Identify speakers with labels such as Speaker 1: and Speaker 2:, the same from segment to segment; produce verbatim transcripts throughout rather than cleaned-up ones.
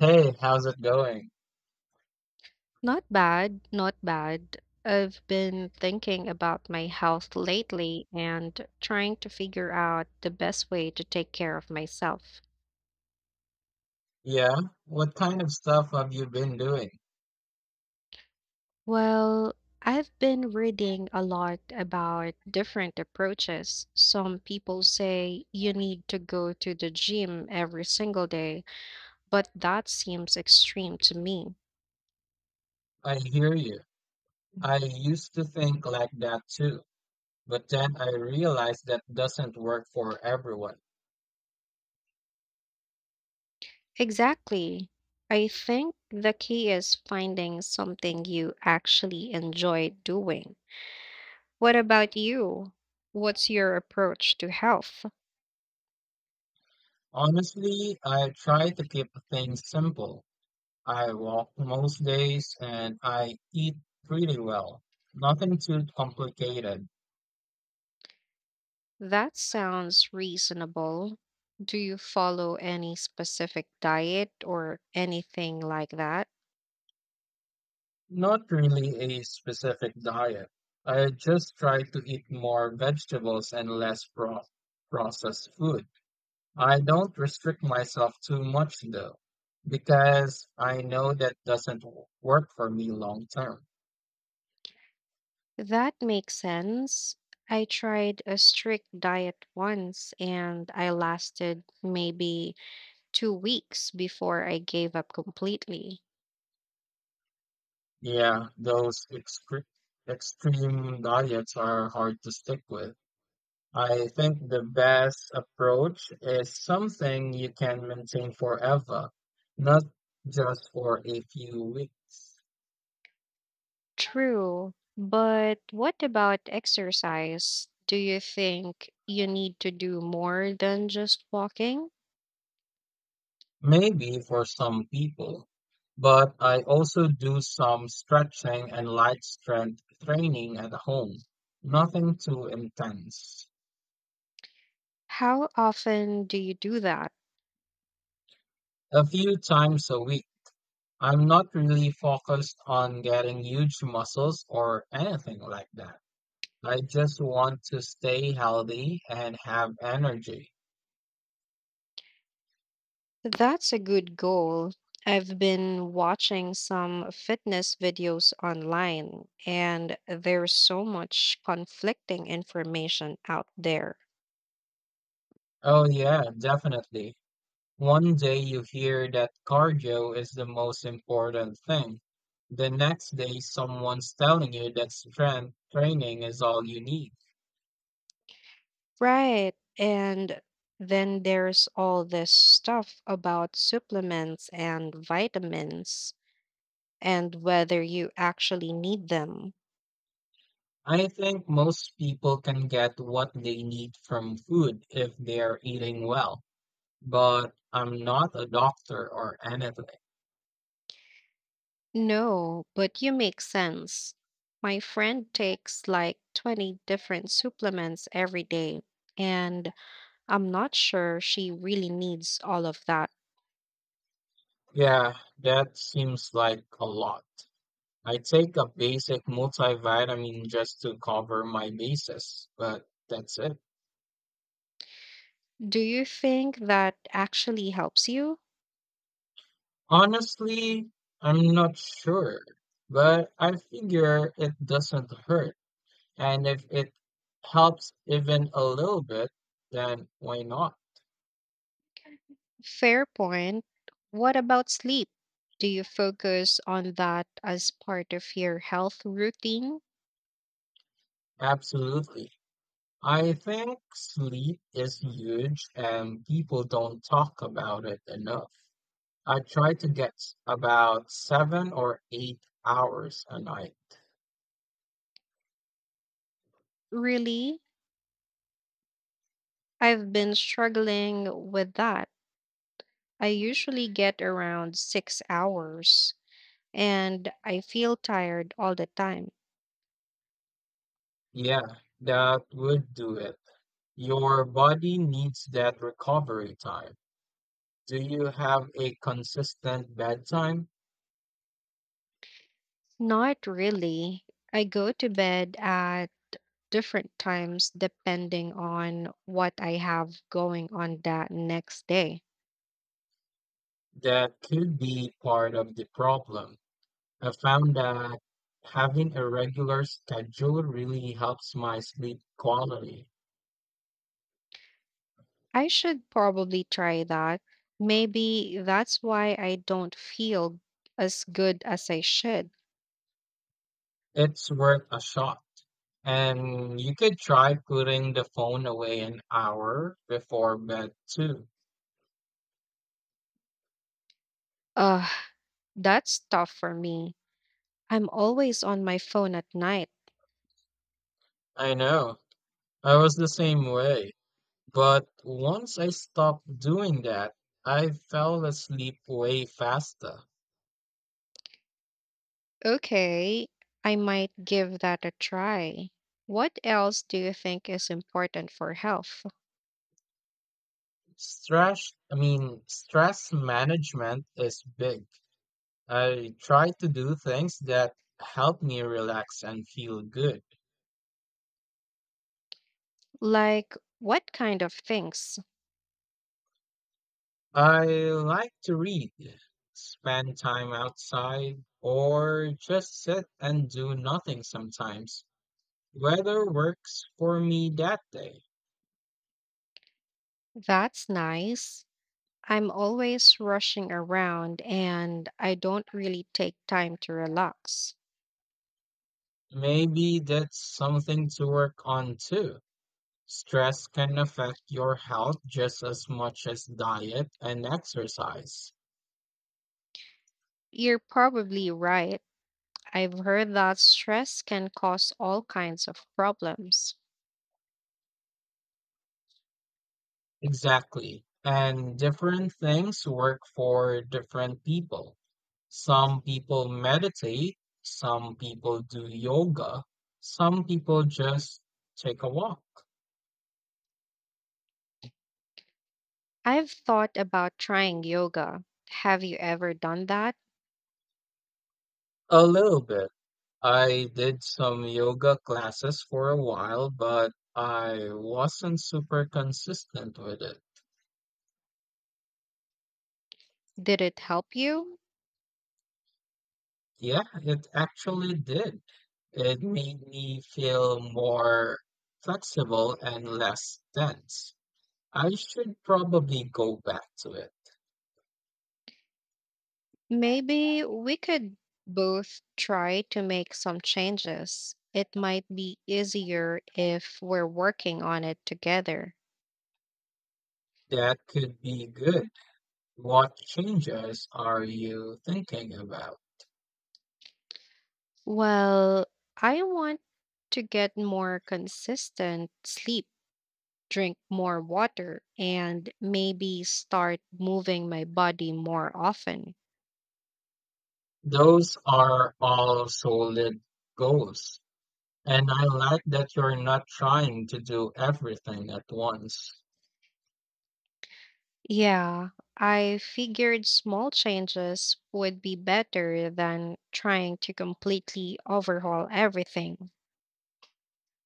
Speaker 1: Hey, how's it going?
Speaker 2: Not bad, not bad. I've been thinking about my health lately and trying to figure out the best way to take care of myself.
Speaker 1: Yeah, what kind of stuff have you been doing?
Speaker 2: Well, I've been reading a lot about different approaches. Some people say you need to go to the gym every single day, but that seems extreme to me.
Speaker 1: I hear you. I used to think like that too, but then I realized that doesn't work for everyone.
Speaker 2: Exactly. I think the key is finding something you actually enjoy doing. What about you? What's your approach to health?
Speaker 1: Honestly, I try to keep things simple. I walk most days and I eat pretty well. Nothing too complicated.
Speaker 2: That sounds reasonable. Do you follow any specific diet or anything like that?
Speaker 1: Not really a specific diet. I just try to eat more vegetables and less pro processed food. I don't restrict myself too much though, because I know that doesn't w- work for me long term.
Speaker 2: That makes sense. I tried a strict diet once and I lasted maybe two weeks before I gave up completely.
Speaker 1: Yeah, those excre- extreme diets are hard to stick with. I think the best approach is something you can maintain forever, not just for a few weeks.
Speaker 2: True, but what about exercise? Do you think you need to do more than just walking?
Speaker 1: Maybe for some people, but I also do some stretching and light strength training at home. Nothing too intense.
Speaker 2: How often do you do that?
Speaker 1: A few times a week. I'm not really focused on getting huge muscles or anything like that. I just want to stay healthy and have energy.
Speaker 2: That's a good goal. I've been watching some fitness videos online, and there's so much conflicting information out there.
Speaker 1: Oh, yeah, definitely. One day you hear that cardio is the most important thing. The next day, someone's telling you that strength training is all you need.
Speaker 2: Right. And then there's all this stuff about supplements and vitamins and whether you actually need them.
Speaker 1: I think most people can get what they need from food if they're eating well, but I'm not a doctor or anything.
Speaker 2: No, but you make sense. My friend takes like twenty different supplements every day, and I'm not sure she really needs all of that.
Speaker 1: Yeah, that seems like a lot. I take a basic multivitamin just to cover my bases, but that's it.
Speaker 2: Do you think that actually helps you?
Speaker 1: Honestly, I'm not sure, but I figure it doesn't hurt. And if it helps even a little bit, then why not?
Speaker 2: Fair point. What about sleep? Do you focus on that as part of your health routine?
Speaker 1: Absolutely. I think sleep is huge and people don't talk about it enough. I try to get s- about seven or eight hours a night.
Speaker 2: Really? I've been struggling with that. I usually get around six hours, and I feel tired all the time.
Speaker 1: Yeah, that would do it. Your body needs that recovery time. Do you have a consistent bedtime?
Speaker 2: Not really. I go to bed at different times depending on what I have going on that next day.
Speaker 1: That could be part of the problem. I found that having a regular schedule really helps my sleep quality.
Speaker 2: I should probably try that. Maybe that's why I don't feel as good as I should.
Speaker 1: It's worth a shot. And you could try putting the phone away an hour before bed too.
Speaker 2: Ugh, that's tough for me. I'm always on my phone at night.
Speaker 1: I know, I was the same way. But once I stopped doing that, I fell asleep way faster.
Speaker 2: Okay, I might give that a try. What else do you think is important for health?
Speaker 1: Stress, I mean, stress management is big. I try to do things that help me relax and feel good.
Speaker 2: Like, what kind of things?
Speaker 1: I like to read, spend time outside, or just sit and do nothing sometimes. Weather works for me that day.
Speaker 2: That's nice. I'm always rushing around and I don't really take time to relax.
Speaker 1: Maybe that's something to work on too. Stress can affect your health just as much as diet and exercise.
Speaker 2: You're probably right. I've heard that stress can cause all kinds of problems.
Speaker 1: Exactly. And different things work for different people. Some people meditate, some people do yoga, some people just take a walk.
Speaker 2: I've thought about trying yoga. Have you ever done that?
Speaker 1: A little bit. I did some yoga classes for a while, but I wasn't super consistent with it.
Speaker 2: Did it help you?
Speaker 1: Yeah, it actually did. It made me feel more flexible and less tense. I should probably go back to it.
Speaker 2: Maybe we could both try to make some changes. It might be easier if we're working on it together.
Speaker 1: That could be good. What changes are you thinking about?
Speaker 2: Well, I want to get more consistent sleep, drink more water, and maybe start moving my body more often.
Speaker 1: Those are all solid goals. And I like that you're not trying to do everything at once.
Speaker 2: Yeah, I figured small changes would be better than trying to completely overhaul everything.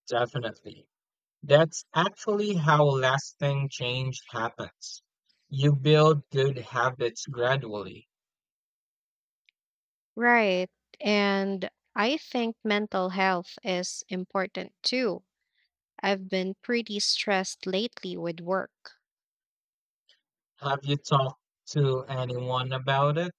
Speaker 1: Definitely. That's actually how lasting change happens. You build good habits gradually.
Speaker 2: Right. And I think mental health is important too. I've been pretty stressed lately with work.
Speaker 1: Have you talked to anyone about it?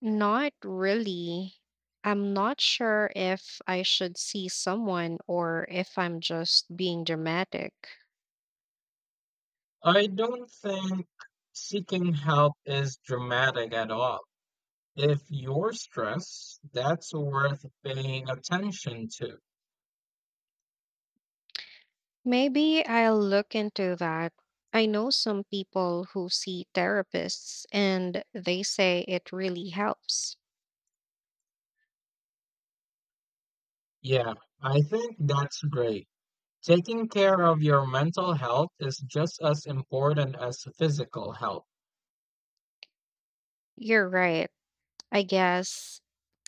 Speaker 2: Not really. I'm not sure if I should see someone or if I'm just being dramatic.
Speaker 1: I don't think seeking help is dramatic at all. If you're stressed, that's worth paying attention to.
Speaker 2: Maybe I'll look into that. I know some people who see therapists and they say it really helps.
Speaker 1: Yeah, I think that's great. Taking care of your mental health is just as important as physical health.
Speaker 2: You're right. I guess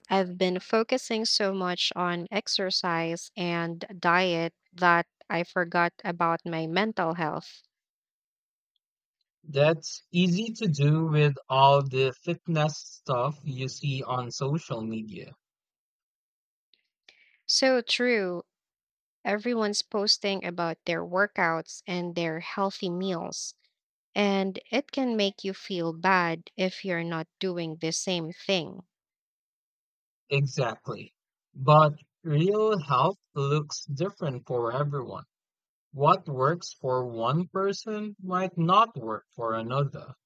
Speaker 2: I've been focusing so much on exercise and diet that I forgot about my mental health.
Speaker 1: That's easy to do with all the fitness stuff you see on social media.
Speaker 2: So true. Everyone's posting about their workouts and their healthy meals, and it can make you feel bad if you're not doing the same thing.
Speaker 1: Exactly. But real health looks different for everyone. What works for one person might not work for another.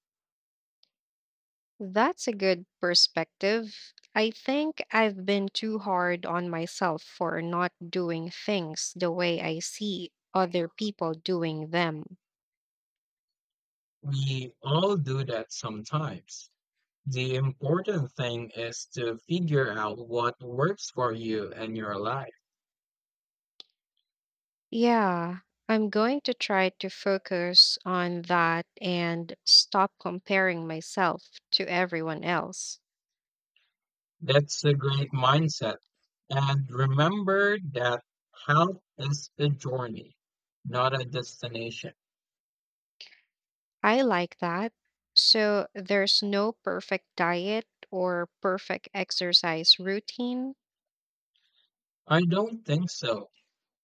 Speaker 2: That's a good perspective. I think I've been too hard on myself for not doing things the way I see other people doing them.
Speaker 1: We all do that sometimes. The important thing is to figure out what works for you and your life.
Speaker 2: Yeah, I'm going to try to focus on that and stop comparing myself to everyone else.
Speaker 1: That's a great mindset. And remember that health is a journey, not a destination.
Speaker 2: I like that. So there's no perfect diet or perfect exercise routine.
Speaker 1: I don't think so.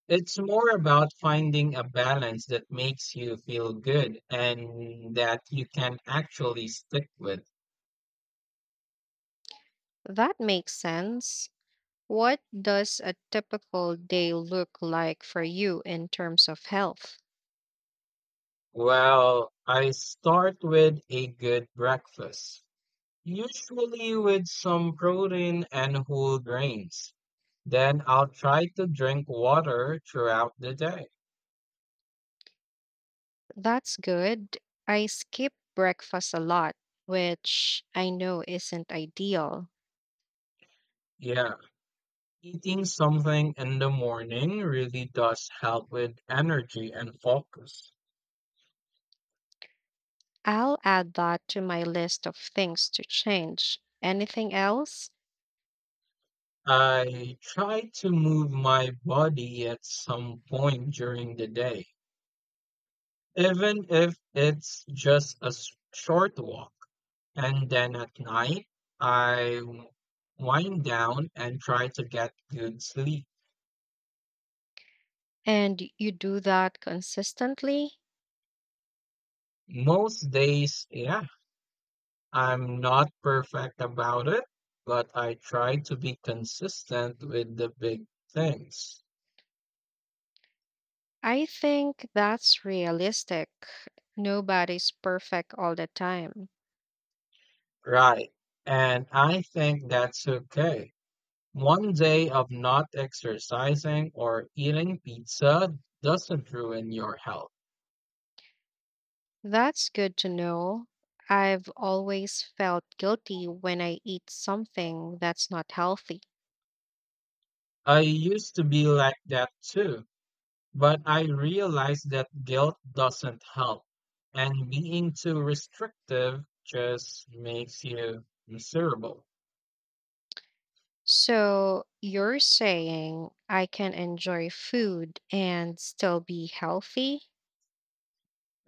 Speaker 1: It's more about finding a balance that makes you feel good and that you can actually stick with.
Speaker 2: That makes sense. What does a typical day look like for you in terms of health?
Speaker 1: Well, I start with a good breakfast, usually with some protein and whole grains. Then I'll try to drink water throughout the day.
Speaker 2: That's good. I skip breakfast a lot, which I know isn't ideal.
Speaker 1: Yeah, eating something in the morning really does help with energy and focus.
Speaker 2: I'll add that to my list of things to change. Anything else?
Speaker 1: I try to move my body at some point during the day, even if it's just a s- short walk. And then at night, I w- wind down and try to get good sleep.
Speaker 2: And you do that consistently?
Speaker 1: Most days, yeah, I'm not perfect about it, but I try to be consistent with the big things.
Speaker 2: I think that's realistic. Nobody's perfect all the time.
Speaker 1: Right. And I think that's okay. One day of not exercising or eating pizza doesn't ruin your health.
Speaker 2: That's good to know. I've always felt guilty when I eat something that's not healthy.
Speaker 1: I used to be like that too. But I realized that guilt doesn't help, and being too restrictive just makes you miserable.
Speaker 2: So you're saying I can enjoy food and still be healthy?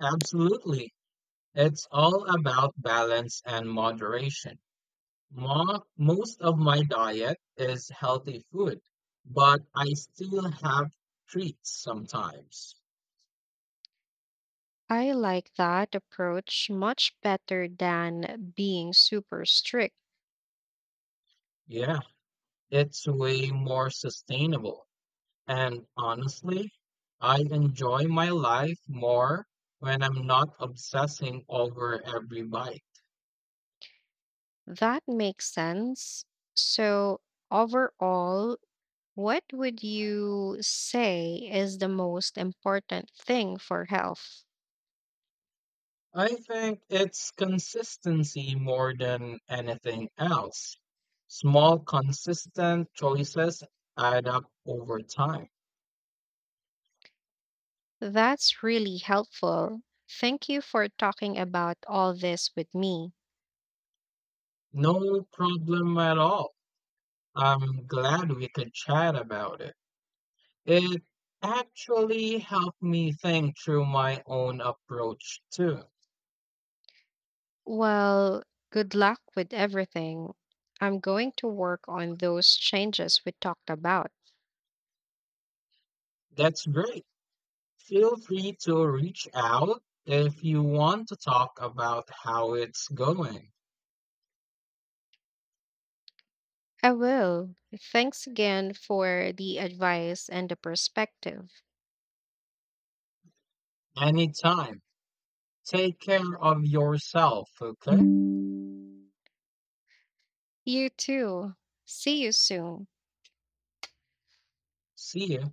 Speaker 1: Absolutely. It's all about balance and moderation. Mo- Most of my diet is healthy food, but I still have treats sometimes.
Speaker 2: I like that approach much better than being super strict.
Speaker 1: Yeah, it's way more sustainable. And honestly, I enjoy my life more when I'm not obsessing over every bite.
Speaker 2: That makes sense. So, overall, what would you say is the most important thing for health?
Speaker 1: I think it's consistency more than anything else. Small, consistent choices add up over time.
Speaker 2: That's really helpful. Thank you for talking about all this with me.
Speaker 1: No problem at all. I'm glad we could chat about it. It actually helped me think through my own approach, too.
Speaker 2: Well, good luck with everything. I'm going to work on those changes we talked about.
Speaker 1: That's great. Feel free to reach out if you want to talk about how it's going.
Speaker 2: I will. Thanks again for the advice and the perspective.
Speaker 1: Anytime. Take care of yourself, okay?
Speaker 2: You too. See you soon.
Speaker 1: See you.